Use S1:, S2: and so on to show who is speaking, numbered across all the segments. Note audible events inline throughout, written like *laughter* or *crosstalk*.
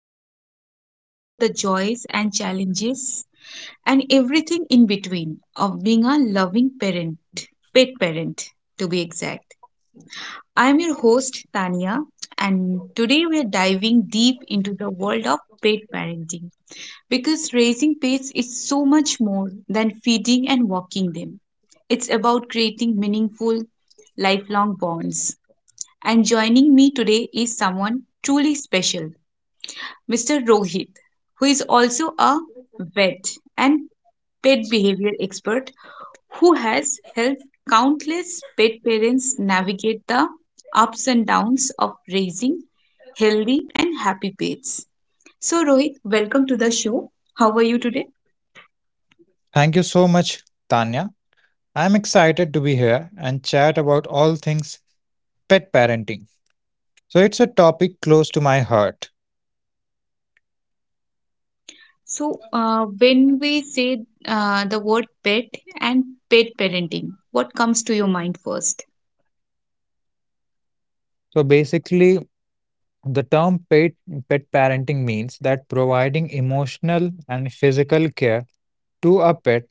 S1: podcast where we explore the joys and challenges and everything in between of being a loving parent, pet parent to be exact. I'm your host, Tania, and today we're diving deep into the world of pet parenting because raising pets is so much more than feeding and walking them. It's about creating meaningful, lifelong bonds and joining me today is someone truly special, Mr. Rohit, who is also a vet and pet behavior expert who has helped countless pet parents navigate the ups and downs of raising healthy and happy pets. So, Rohit, welcome to the show. How are you today?
S2: Thank you so much, Tanya. I'm excited to be here and chat about all things pet parenting. So, it's a topic close to my heart.
S1: So, when we say the word pet and pet parenting, what comes to your mind first?
S2: So, basically, the term pet parenting means that providing emotional and physical care to a pet,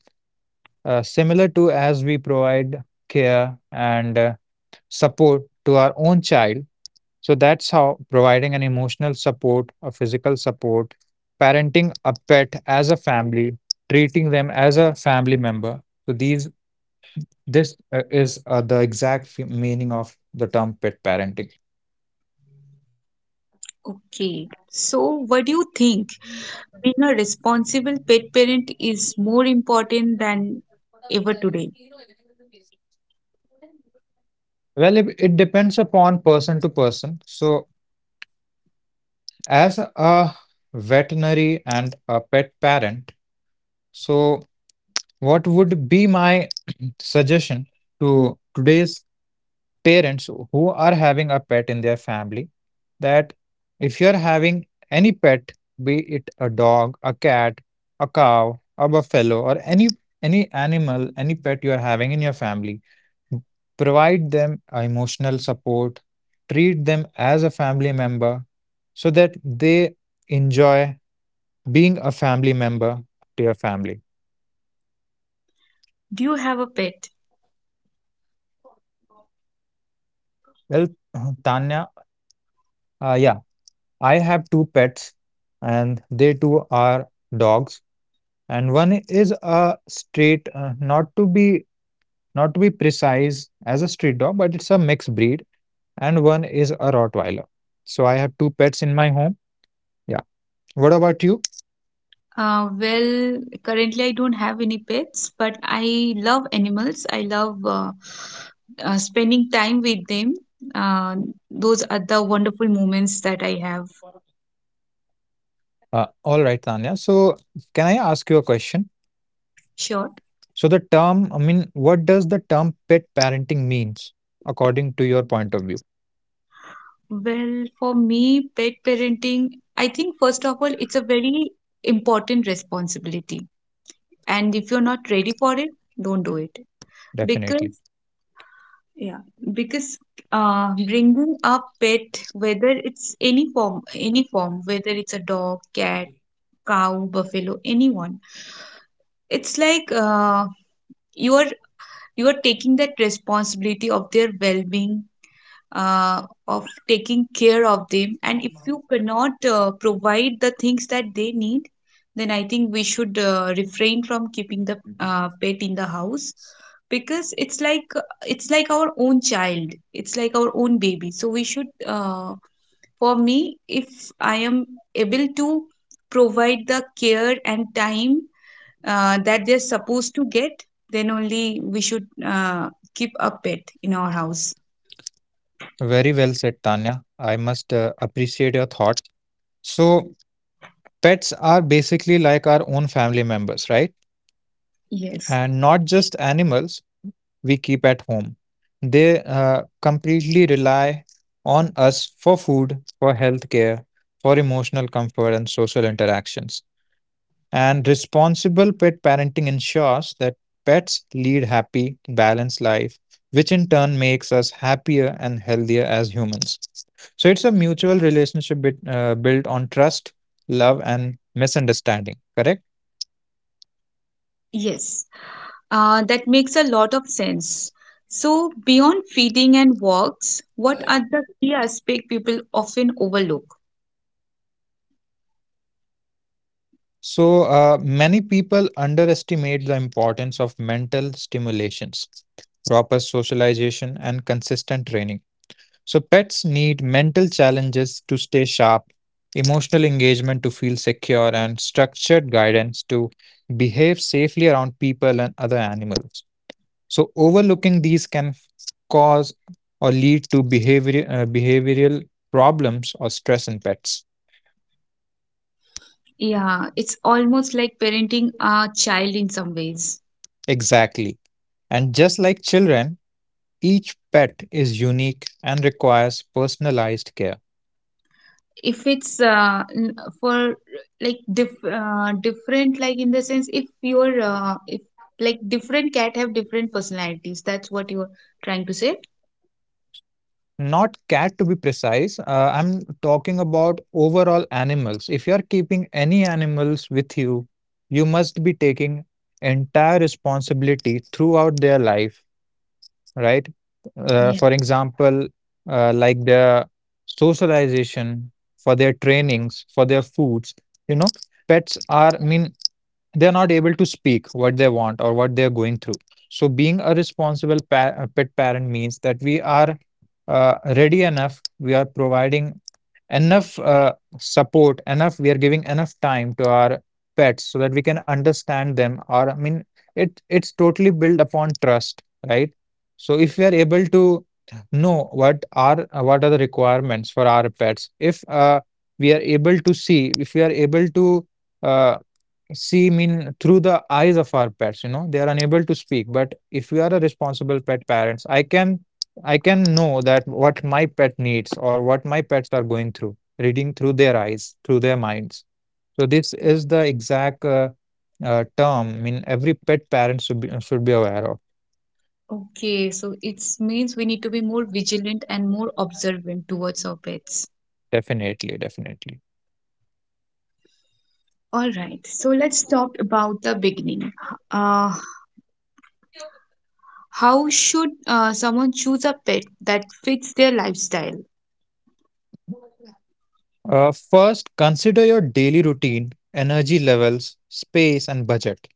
S2: similar to as we provide care and support to our own child. So that's how providing an emotional support, a physical support, parenting a pet as a family, treating them as a family member. So these this is the exact meaning of the term pet parenting.
S1: Okay, so what do you think? Being a responsible pet parent is more important than ever today.
S2: Well, it depends upon person to person. So as a veterinary and a pet parent, so what would be my *clears throat* suggestion to today's parents who are having a pet in their family, that if you're having any pet, be it a dog, a cat, a cow, a buffalo, or any animal, any pet you are having in your family, provide them emotional support, treat them as a family member so that they enjoy being a family member to your family.
S1: Do you have a pet?
S2: Well, *clears throat* Tanya, yeah, I have two pets and they too are dogs. And one is a straight not to be, precise as a street dog, but it's a mixed breed, and one is a Rottweiler. So I have two pets in my home. Yeah, what about you?
S1: Well, currently I don't have any pets, but I love animals. I love spending time with them. Uh, those are the wonderful moments that I have.
S2: All right, Tanya, so can I ask you a question?
S1: Sure.
S2: So the term, what does the term pet parenting means according to your point of view?
S1: Well, for me, pet parenting, I think first of all, it's a very important responsibility, and if you're not ready for it, don't do it
S2: Definitely.
S1: because, yeah, because bringing a pet, whether it's any form, whether it's a dog, cat, cow, buffalo, anyone, it's like, you are you are taking that responsibility of their well-being, uh, of taking care of them, and if you cannot provide the things that they need, then I think we should refrain from keeping the pet in the house because it's like our own child, it's like our own baby, so we should, for me, if I am able to provide the care and time that they're supposed to get, then only we should keep a pet in our house.
S2: Very well said, Tanya. I must appreciate your thoughts. So, pets are basically like our own family members, right?
S1: Yes.
S2: And not just animals we keep at home. They completely rely on us for food, for healthcare, for emotional comfort, and social interactions. And responsible pet parenting ensures that pets lead happy, balanced life, which in turn makes us happier and healthier as humans. So it's a mutual relationship bit, built on trust, love, and misunderstanding, correct?
S1: Yes, that makes a lot of sense. So beyond feeding and walks, what are the key aspect people often overlook?
S2: So, many people underestimate the importance of mental stimulations, proper socialization, and consistent training. So, pets need mental challenges to stay sharp, emotional engagement to feel secure, and structured guidance to behave safely around people and other animals. So, overlooking these can cause or lead to behavioral problems or stress in pets.
S1: Yeah, it's almost like parenting a child in some ways.
S2: Exactly. And just like children, each pet is unique and requires personalized care.
S1: If it's for, like, different, like, in the sense, if you're if like different cat have different personalities, that's what you're trying to say.
S2: Not cat to be precise, I'm talking about overall animals. If you're keeping any animals with you, you must be taking entire responsibility throughout their life, right?
S1: Yeah.
S2: For example, like their socialization, for their trainings, for their foods. You know, pets are, I mean, they're not able to speak what they want or what they're going through. So, being a responsible pet parent means that we are ready enough, we are providing enough support, enough, we are giving enough time to our pets so that we can understand them. Or, I mean, it's totally built upon trust, right? So, if we are able to know what are the requirements for our pets, if we are able to see, if we are able to uh, see mean through the eyes of our pets. You know, they are unable to speak, but if we are a responsible pet parents, I can know that what my pet needs or what my pets are going through, reading through their eyes, through their minds. So this is the exact term, I mean, every pet parent should be aware of.
S1: Okay, so it means we need to be more vigilant and more observant towards our pets.
S2: Definitely, definitely.
S1: All right, so let's talk about the beginning. Uh, How should someone choose a pet that fits their lifestyle?
S2: Uh, first consider your daily routine, energy levels, space and budget.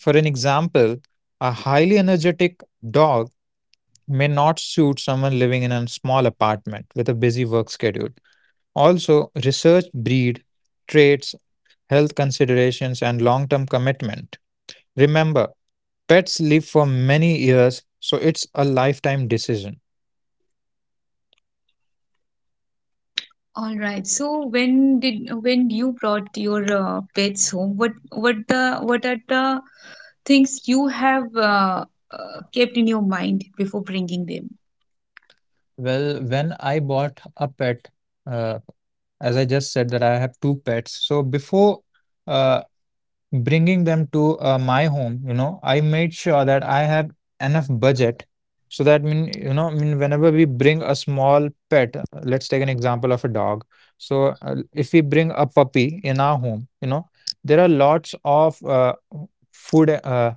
S2: For an example, a highly energetic dog may not suit someone living in a small apartment with a busy work schedule. Also, research breed traits, health considerations, and long term commitment. Remember, pets live for many years, so it's a lifetime decision.
S1: All right. So when did, when you brought your pets home, what are the things you have kept in your mind before bringing them?
S2: Well, when I bought a pet, uh, as I just said, that I have two pets. So before uh, bringing them to my home, you know, I made sure that I have enough budget, so that mean, you know, mean whenever we bring a small pet, let's take an example of a dog. So if we bring a puppy in our home, you know, there are lots of food uh,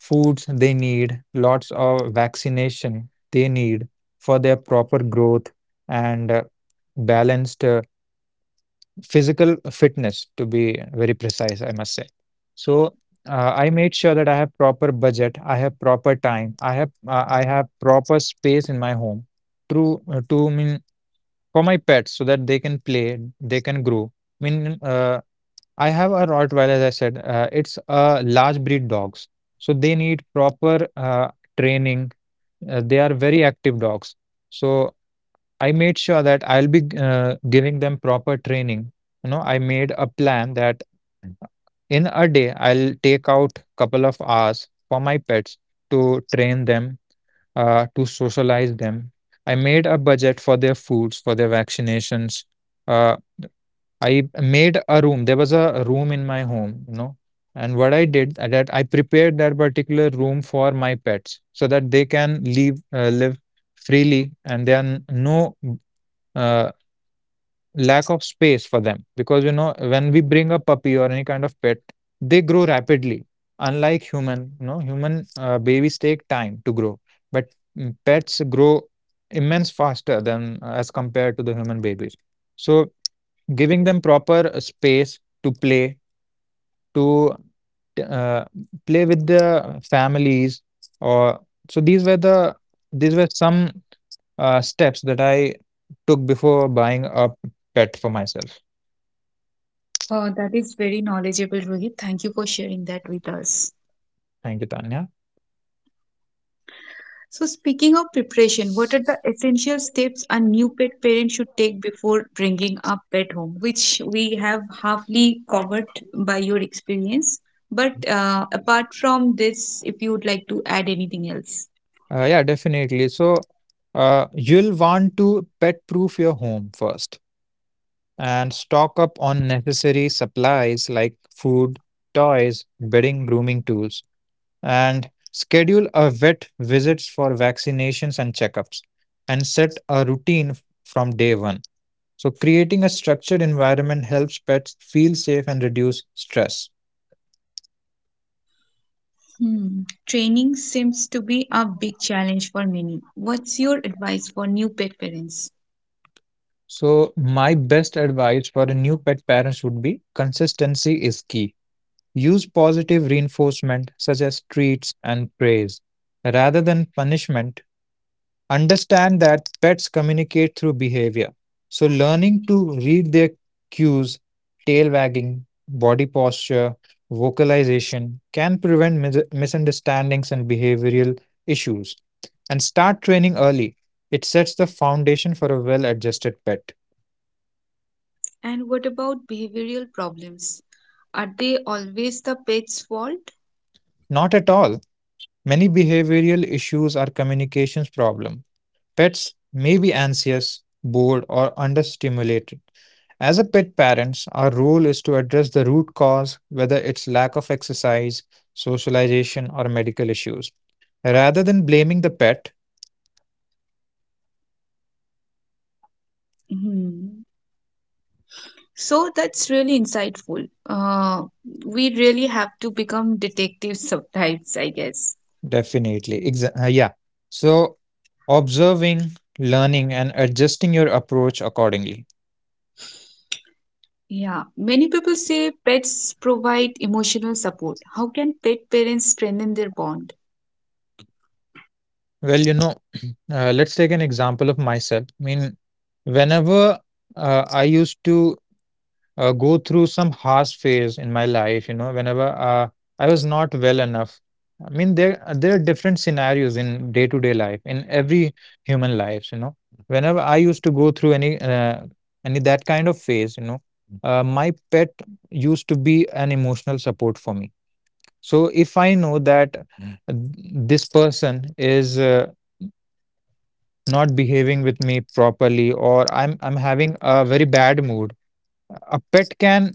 S2: foods they need, lots of vaccination they need for their proper growth, and balanced physical fitness, to be very precise, I must say. So I made sure that I have proper budget, I have proper time, I have proper space in my home to mean for my pets so that they can play, they can grow. I mean, I have a Rottweiler, as I said, it's a large breed dogs, so they need proper training. They are very active dogs. So I made sure that I'll be giving them proper training. You know, I made a plan that in a day I'll take out couple of hours for my pets to train them, to socialize them. I made a budget for their foods, for their vaccinations. Uh, I made a room. There was a room in my home, you know. And what I did that I prepared that particular room for my pets so that they can leave live freely and there are no uh, lack of space for them, because you know when we bring a puppy or any kind of pet, they grow rapidly, unlike human, you know, human babies take time to grow, but pets grow immense faster than as compared to the human babies. So giving them proper space to play, to uh, play with the families, or so these were the, these were some steps that I took before buying a pet for myself.
S1: That is very knowledgeable, Rohit. Thank you for sharing that with us.
S2: Thank you, Tanya.
S1: So, speaking of preparation, what are the essential steps a new pet parent should take before bringing a pet home, which we have halfly covered by your experience? But apart from this, if you would like to add anything else.
S2: Yeah, definitely. So, you'll want to pet proof your home first and stock up on necessary supplies like food, toys, bedding, grooming tools, and schedule a vet visits for vaccinations and checkups, and set a routine from day one. So, creating a structured environment helps pets feel safe and reduce stress.
S1: Hmm. Training seems to be a big challenge for many. What's your advice for new pet parents?
S2: So, my best advice for a new pet parents would be consistency is key. Use positive reinforcement such as treats and praise rather than punishment. Understand that pets communicate through behavior. So, learning to read their cues, tail wagging, body posture, vocalization, can prevent misunderstandings and behavioral issues. And start training early. It sets the foundation for a well adjusted pet.
S1: And what about behavioral problems? Are they always the pet's fault?
S2: Not at all. Many behavioral issues are communications problem. Pets may be anxious, bored or understimulated. As a pet parents, our role is to address the root cause, whether it's lack of exercise, socialization or medical issues, rather than blaming the pet.
S1: Hmm. So that's really insightful. We really have to become detectives sometimes, I guess.
S2: Definitely. Yeah. So observing, learning and adjusting your approach accordingly.
S1: Yeah, many people say pets provide emotional support. How can pet parents strengthen their bond?
S2: Well, you know, *clears throat* let's take an example of myself. I mean, whenever I used to go through some harsh phase in my life, you know, whenever I was not well enough. I mean, there are different scenarios in day-to-day life, in every human lives, you know. Whenever I used to go through any that kind of phase, you know, my pet used to be an emotional support for me. So if I know that this person is not behaving with me properly, or I'm having a very bad mood, a pet can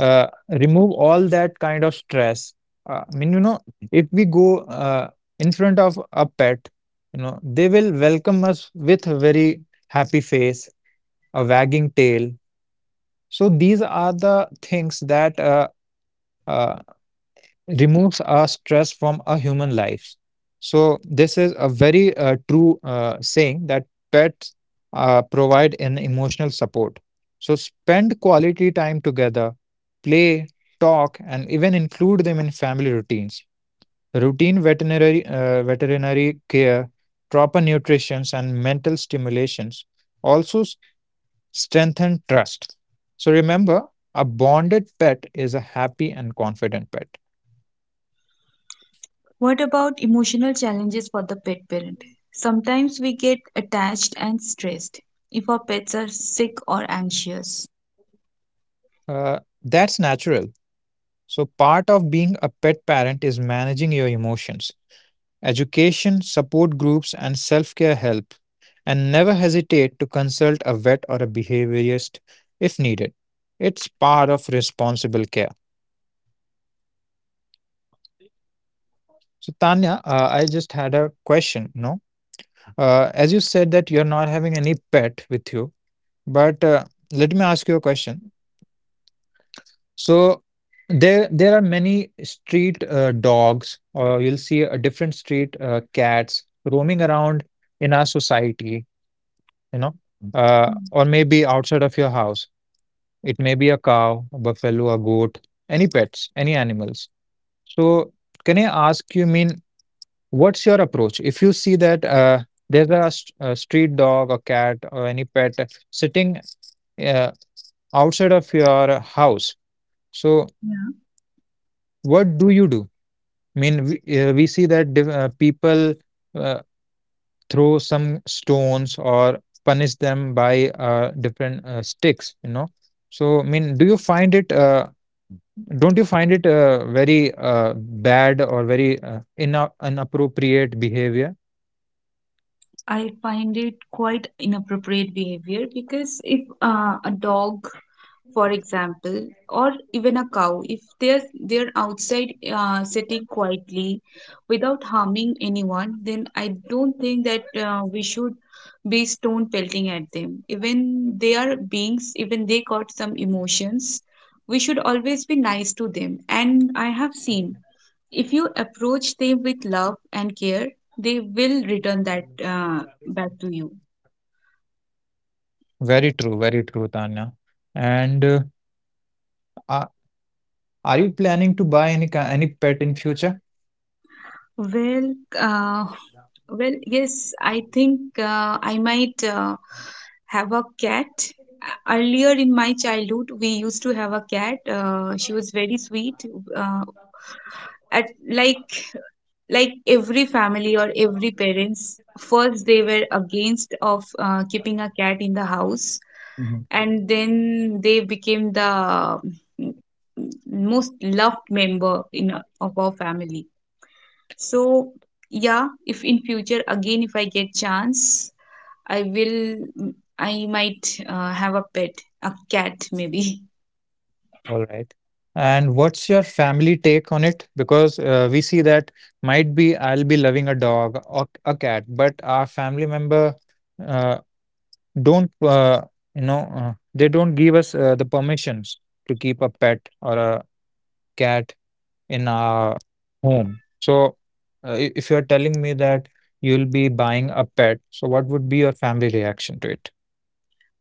S2: uh, remove all that kind of stress. Uh, I mean, you know, if we go uh, in front of a pet, you know they will welcome us with a very happy face, a wagging tail. So these are the things that uh, removes our stress from our human lives. So this is a very true saying that pets provide an emotional support. So spend quality time together, play, talk, and even include them in family routines. Routine veterinary care, proper nutrition, and mental stimulations also strengthen trust. So remember, a bonded pet is a happy and confident pet.
S1: What about emotional challenges for the pet parent? Sometimes we get attached and stressed if our pets are sick or anxious.
S2: That's natural. So, part of being a pet parent is managing your emotions. Education, support groups, and self care help. And never hesitate to consult a vet or a behaviorist if needed. It's part of responsible care. So, Tanya, I just had a question. No, as you said that you're not having any pet with you, but let me ask you a question. So there are many street dogs, or you'll see a different street cats roaming around in our society, you know,
S1: Mm.
S2: or maybe outside of your house. It may be a cow, a buffalo, a goat, any pets, any animals. So can I ask you, mean, what's your approach? If you see that there's a, a street dog, a cat, or any pet sitting uh, outside of your house, so
S1: Yeah.
S2: what do you do? I mean, we see that people uh, throw some stones or punish them by different sticks, So, I mean, do you find it, don't you find it very bad or very inappropriate behavior?
S1: I find it quite inappropriate behavior because if a dog, for example, or even a cow, if they're outside sitting quietly without harming anyone, then I don't think that we should be stone pelting at them. Even they are beings, even they got some emotions. We should always be nice to them. And I have seen if you approach them with love and care, they will return that back to you.
S2: Very true, Tanya. And are, are you planning to buy any pet in future?
S1: Well, uh, well, yes, I think I might have a cat. Earlier in my childhood, we used to have a cat. She was very sweet. Uh, at like every family or every parents, first they were against of keeping a cat in the house, and then they became the most loved member in of our family. So, yeah, if in future again if I get chance, I will, I might have a pet, a cat maybe. *laughs*
S2: All right. And what's your family take on it? Because we see that might be I'll be loving a dog or a cat, but our family member uh, don't, they don't give us the permissions to keep a pet or a cat in our home. So if you're telling me that you'll be buying a pet, so what would be your family reaction to it?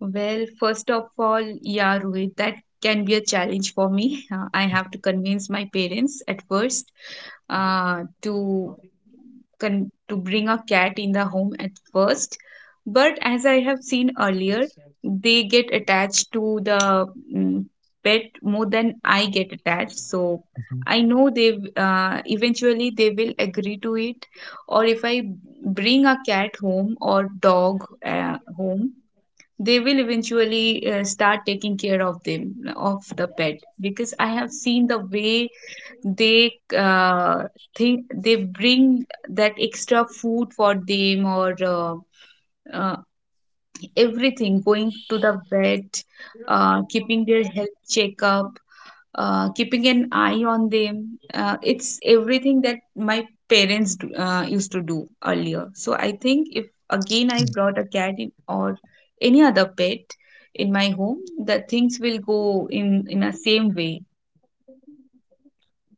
S1: Well, first of all, yeah, Rohit, that can be a challenge for me. *laughs* I have to convince my parents at first to to bring a cat in the home at first. But as I have seen earlier, they get attached to the, mm, pet more than I get attached. So
S2: Mhm.
S1: I know eventually they will agree to it. Or if I bring a cat home or dog home, they will eventually start taking care of them, of the pet, because I have seen the way they uh, think, they bring that extra food for them, or uh, everything, going to the vet, keeping their health checkup, keeping an eye on them. It's everything that my parents used to do earlier. So I think if again I brought a cat in or any other pet in my home, the things will go in a same way.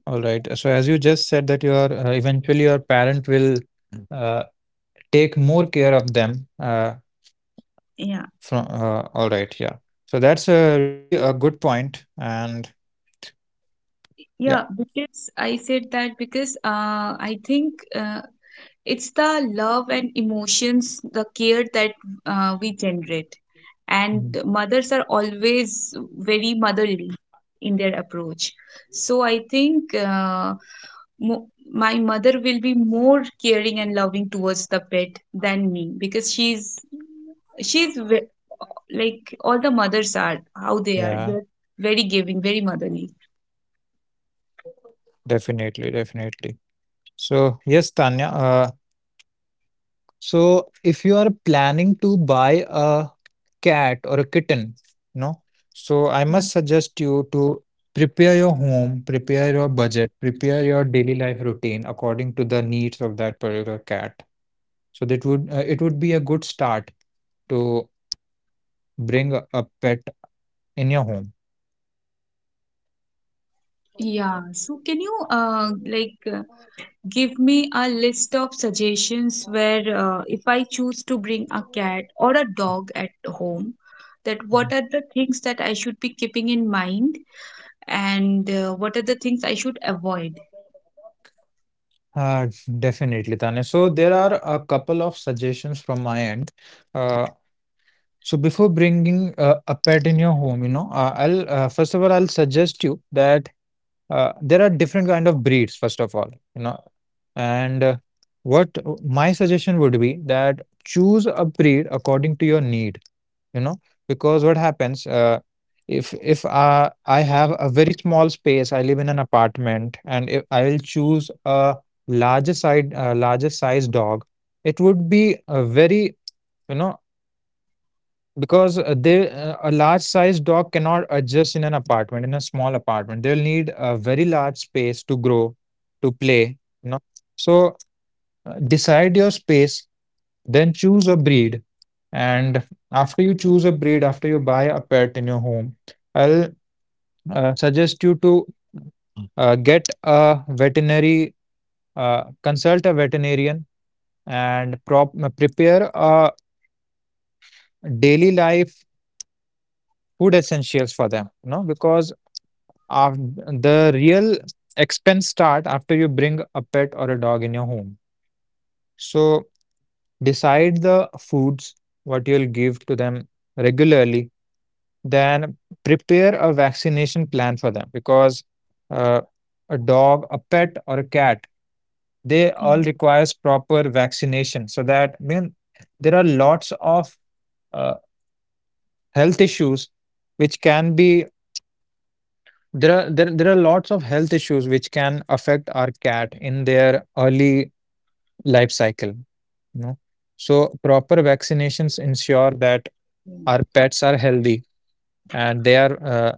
S2: All right. So as you just said that your eventually your parent will uh, take more care of them
S1: Yeah,
S2: from all right, yeah. So that's a really a good point and yeah.
S1: yeah. Because I said that because I think. It's the love and emotions, the care that we generate. And
S2: Mhm.
S1: mothers are always very motherly in their approach. So I think my mother will be more caring and loving towards the pet than me because she's like all the mothers are how they are.
S2: Yeah,
S1: They're very giving, very motherly.
S2: definitely, definitely. So yes, Tanya, so if you are planning to buy a cat or a kitten, you know. So I
S1: Yeah.
S2: must suggest you to prepare your home, prepare your budget, prepare your daily life routine according to the needs of that particular cat. So that would it would be a good start to bring a pet in your home.
S1: Yeah. So can you like give me a list of suggestions where if I choose to bring a cat or a dog at home, that what
S2: Mhm.
S1: are the things that I should be keeping in mind, and what are the things I should avoid.
S2: Uh, Definitely, Tanya. So there are a couple of suggestions from my end. Uh, so before bringing a pet in your home, you know, I'll first of all I'll suggest you that there are different kind of breeds first of all, you know. And what my suggestion would be that choose a breed according to your need, you know, because what happens if I have a very small space, I live in an apartment, and if I will choose a larger size dog, it would be a very, you know, because they a large size dog cannot adjust in an apartment, in a small apartment. They'll need a very large space to grow, to play, you know. So decide your space, then choose a breed. And after you choose a breed, after you buy a pet in your home, I'll suggest you to get a veterinary consult a veterinarian and prepare a daily life food essentials for them, you know, because the real expense start after you bring a pet or a dog in your home. So decide the foods what you'll give to them regularly. Then prepare a vaccination plan for them because uh, a dog, a pet, or a cat, they all
S1: Mm,
S2: requires proper vaccination so that I mean, there are lots of uh, health issues which can be, there are lots of health issues which can affect our cat in their early life cycle, you know. So proper vaccinations ensure that
S1: mm,
S2: our pets are healthy and they are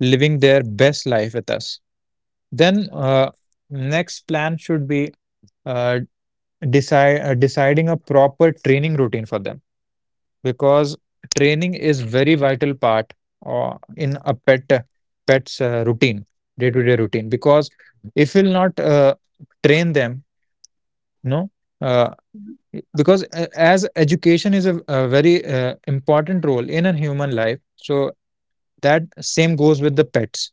S2: living their best life with us. Then next plan should be uh, decide deciding a proper training routine for them because training is very vital part in a pet pet's routine, day-to-day routine. Because if we'll not train them, no, uh,
S1: mm.
S2: because as education is a very important role in a human life, so that same goes with the pets.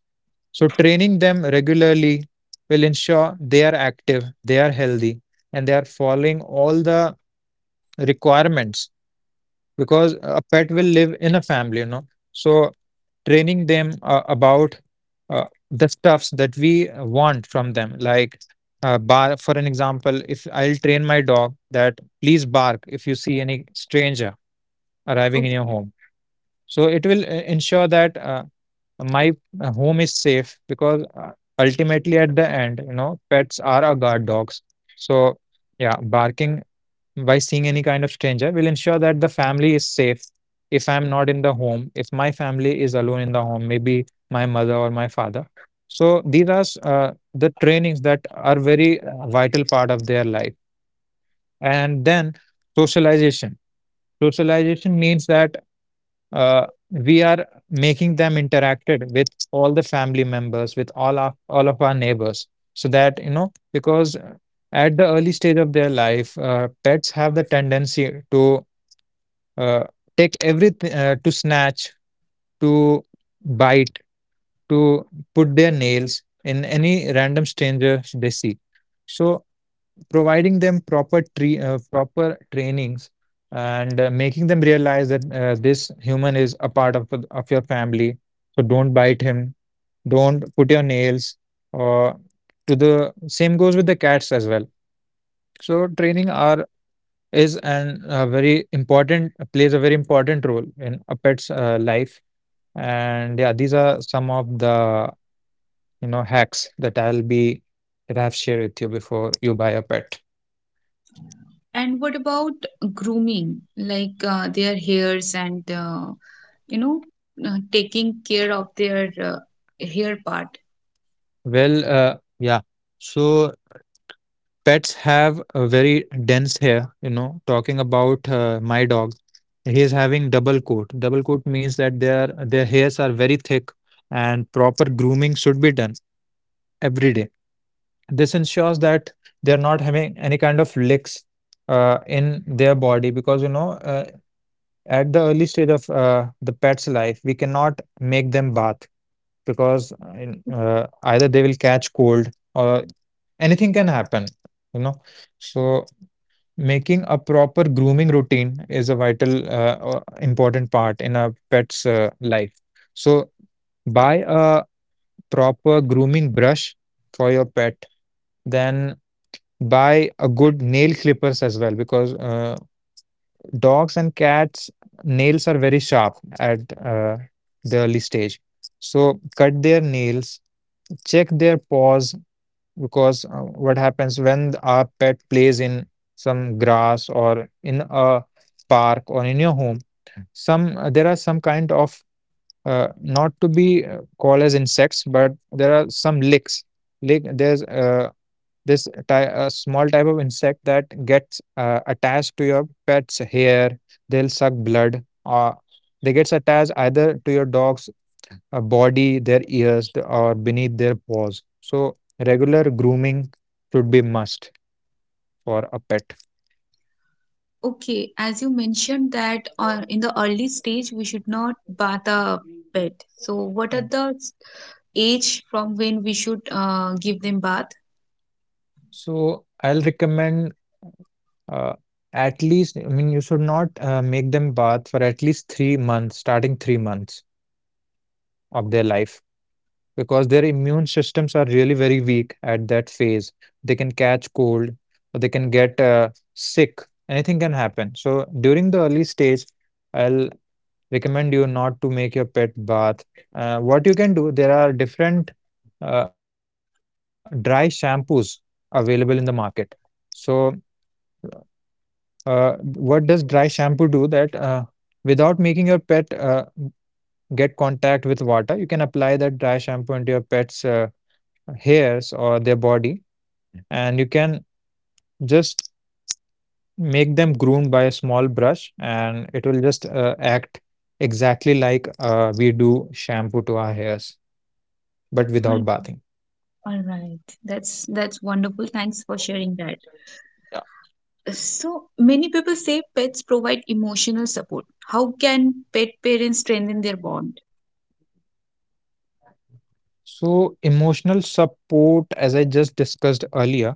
S2: So training them regularly will ensure they are active, they are healthy, and they are following all the requirements. Because a pet will live in a family, you know. So training them about uh, the stuffs that we want from them, like bar for an example, if I'll train my dog that please bark if you see any stranger arriving
S1: Oh.
S2: in your home, so it will ensure that my home is safe. Because ultimately at the end, you know, pets are our guard dogs. So yeah, barking by seeing any kind of stranger will ensure that the family is safe if I'm not in the home, if my family is alone in the home, maybe my mother or my father. So these are the trainings that are very vital part of their life. And then socialization. Socialization means that uh, we are making them interacted with all the family members, with all of our neighbors, so that, you know. Because at the early stage of their life, pets have the tendency to uh, take everything, to snatch, to bite, to put their nails in any random strangers they see. So providing them proper trainings and making them realize that this human is a part of your family. So don't bite him. Don't put your nails. Or to the same goes with the cats as well. So training our is an a very important, plays a very important role in a pet's life. And yeah, these are some of the, you know, hacks that I'll be, that I've shared with you before you buy a pet.
S1: And what about grooming, like their hairs and, you know, taking care of their hair part?
S2: Well, yeah, so pets have a very dense hair, you know. Talking about my dog, he is having double coat. Double coat means that their hairs are very thick, and proper grooming should be done every day. This ensures that they're not having any kind of licks in their body. Because you know, at the early stage of the pet's life, we cannot make them bath because either they will catch cold or anything can happen, you know. So making a proper grooming routine is a vital, important part in a pet's life. So buy a proper grooming brush for your pet, then buy a good nail clippers as well. Because dogs and cats nails are very sharp at uh, the early stage. So cut their nails, check their paws. Because what happens when our pet plays in some grass or in a park or in your home, some there are some kind of not to be called as insects, but there are some licks. Lick, there's a small type of insect that gets attached to your pet's hair. They'll suck blood or they gets attached either to your dog's body, their ears, or beneath their paws. So regular grooming should be must for a pet.
S1: Okay, as you mentioned that in the early stage we should not bath the pet. So, what are
S2: Yeah,
S1: the age from when we should give them bath?
S2: so I'll recommend uh, at least, I mean, you should not make them bath for at least 3 months, starting 3 months of their life, because their immune systems are really very weak at that phase. They can catch cold or they can get sick. Anything can happen. So during the early stage, I'll recommend you not to make your pet bath. What you can do, there are different uh, dry shampoos available in the market. So what does dry shampoo do? That without making your pet get contact with water, you can apply that dry shampoo into your pet's hairs or their body, and you can just make them groomed by a small brush, and it will just act exactly like we do shampoo to our hairs, but
S1: All,
S2: without bathing.
S1: all right, that's wonderful. Thanks for sharing that. So, many people say pets provide emotional support. How can pet parents strengthen their bond?
S2: So emotional support, as I just discussed earlier.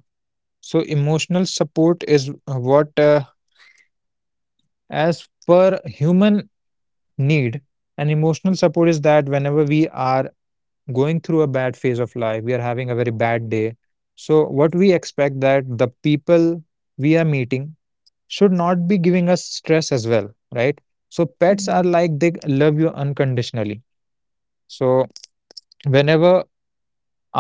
S2: So emotional support is what, as per human need. And emotional support is that whenever we are going through a bad phase of life, we are having a very bad day. So what we expect, that the people we are meeting should not be giving us stress as well, right? So pets
S1: Yeah.
S2: are, like, they love you unconditionally. So whenever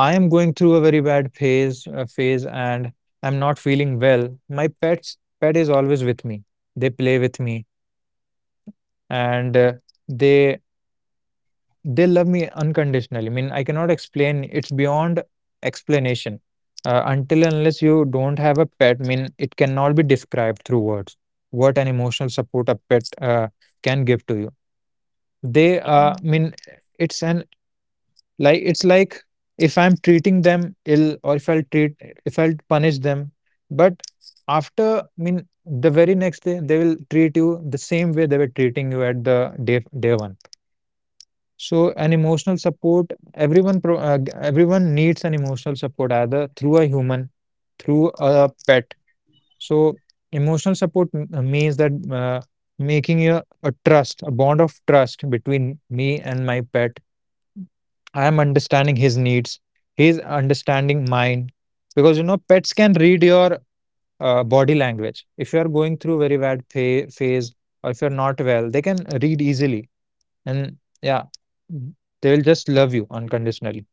S2: I am going through a very bad phase and I'm not feeling well, my pet is always with me. They play with me, and they They love me unconditionally. I mean, I cannot explain. It's beyond explanation. Until and unless you don't have a pet, I mean, it cannot be described through words. What an emotional support a pet can give to you. They, I mean, it's an, like it's like, if I'm treating them ill or if I'll treat, if I'll punish them, but after, I mean the very next day they will treat you the same way they were treating you at the day one. So an emotional support, everyone everyone needs an emotional support, either through a human, through a pet. So emotional support means that making a trust, a bond of trust between me and my pet. I am understanding his needs, he's understanding mine. Because you know, pets can read your body language. If you are going through very bad phase or if you're not well, they can read easily. And yeah, they'll just love you unconditionally.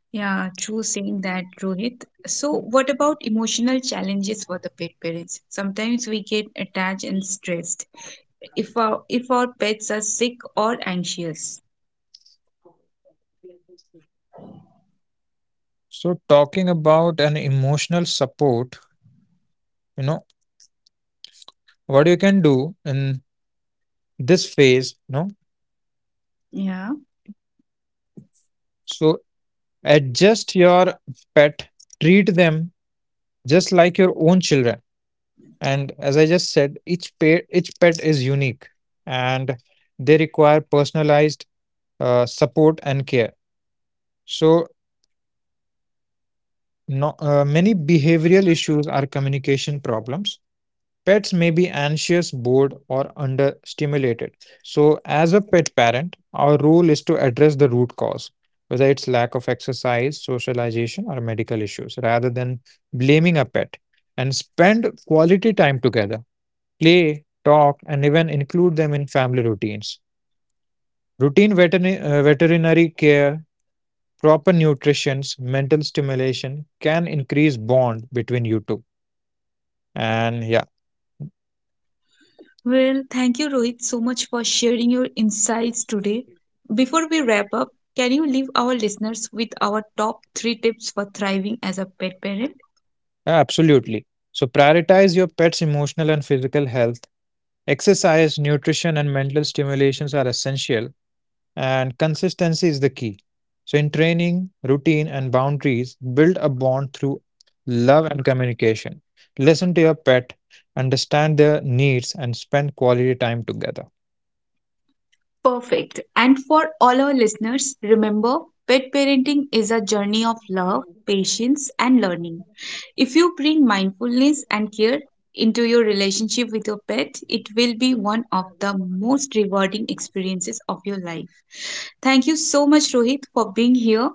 S1: Yeah, true saying that, Rohit. So, what about emotional challenges for the pet parents? Sometimes we get attached and stressed if our pets are sick or anxious.
S2: So talking about an emotional support, you know, what you can do in this phase, you know.
S1: Yeah.
S2: So adjust your pet, treat them just like your own children. And as I just said, each pet is unique, and they require personalized support and care. So no, many behavioral issues are communication problems. Pets may be anxious, bored, or understimulated. So, as a pet parent, our role is to address the root cause, whether it's lack of exercise, socialization, or medical issues, rather than blaming a pet, and spend quality time together, play, talk, and even include them in family routines. Routine veterinary care, proper nutrition, mental stimulation can increase bond between you two. And yeah,
S1: Well, thank you, Rohit, so much for sharing your insights today. Before we wrap up, can you leave our listeners with our top three tips for thriving as a pet parent?
S2: absolutely. So prioritize your pet's emotional and physical health. Exercise, nutrition, and mental stimulations are essential, and consistency is the key. So, in training, routine, and boundaries, build a bond through love and communication. Listen to your pet, understand their needs, and spend quality time together.
S1: Perfect. And for all our listeners, remember pet parenting is a journey of love, patience, and learning. If you bring mindfulness and care into your relationship with your pet, it will be one of the most rewarding experiences of your life. Thank you so much, Rohit, for being here.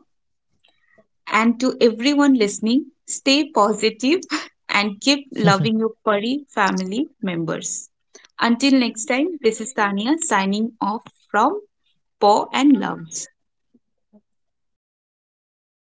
S1: And to everyone listening, stay positive *laughs* and keep
S2: *laughs*
S1: loving your furry family members. Until next time, this is Tania signing off from paw and gloves.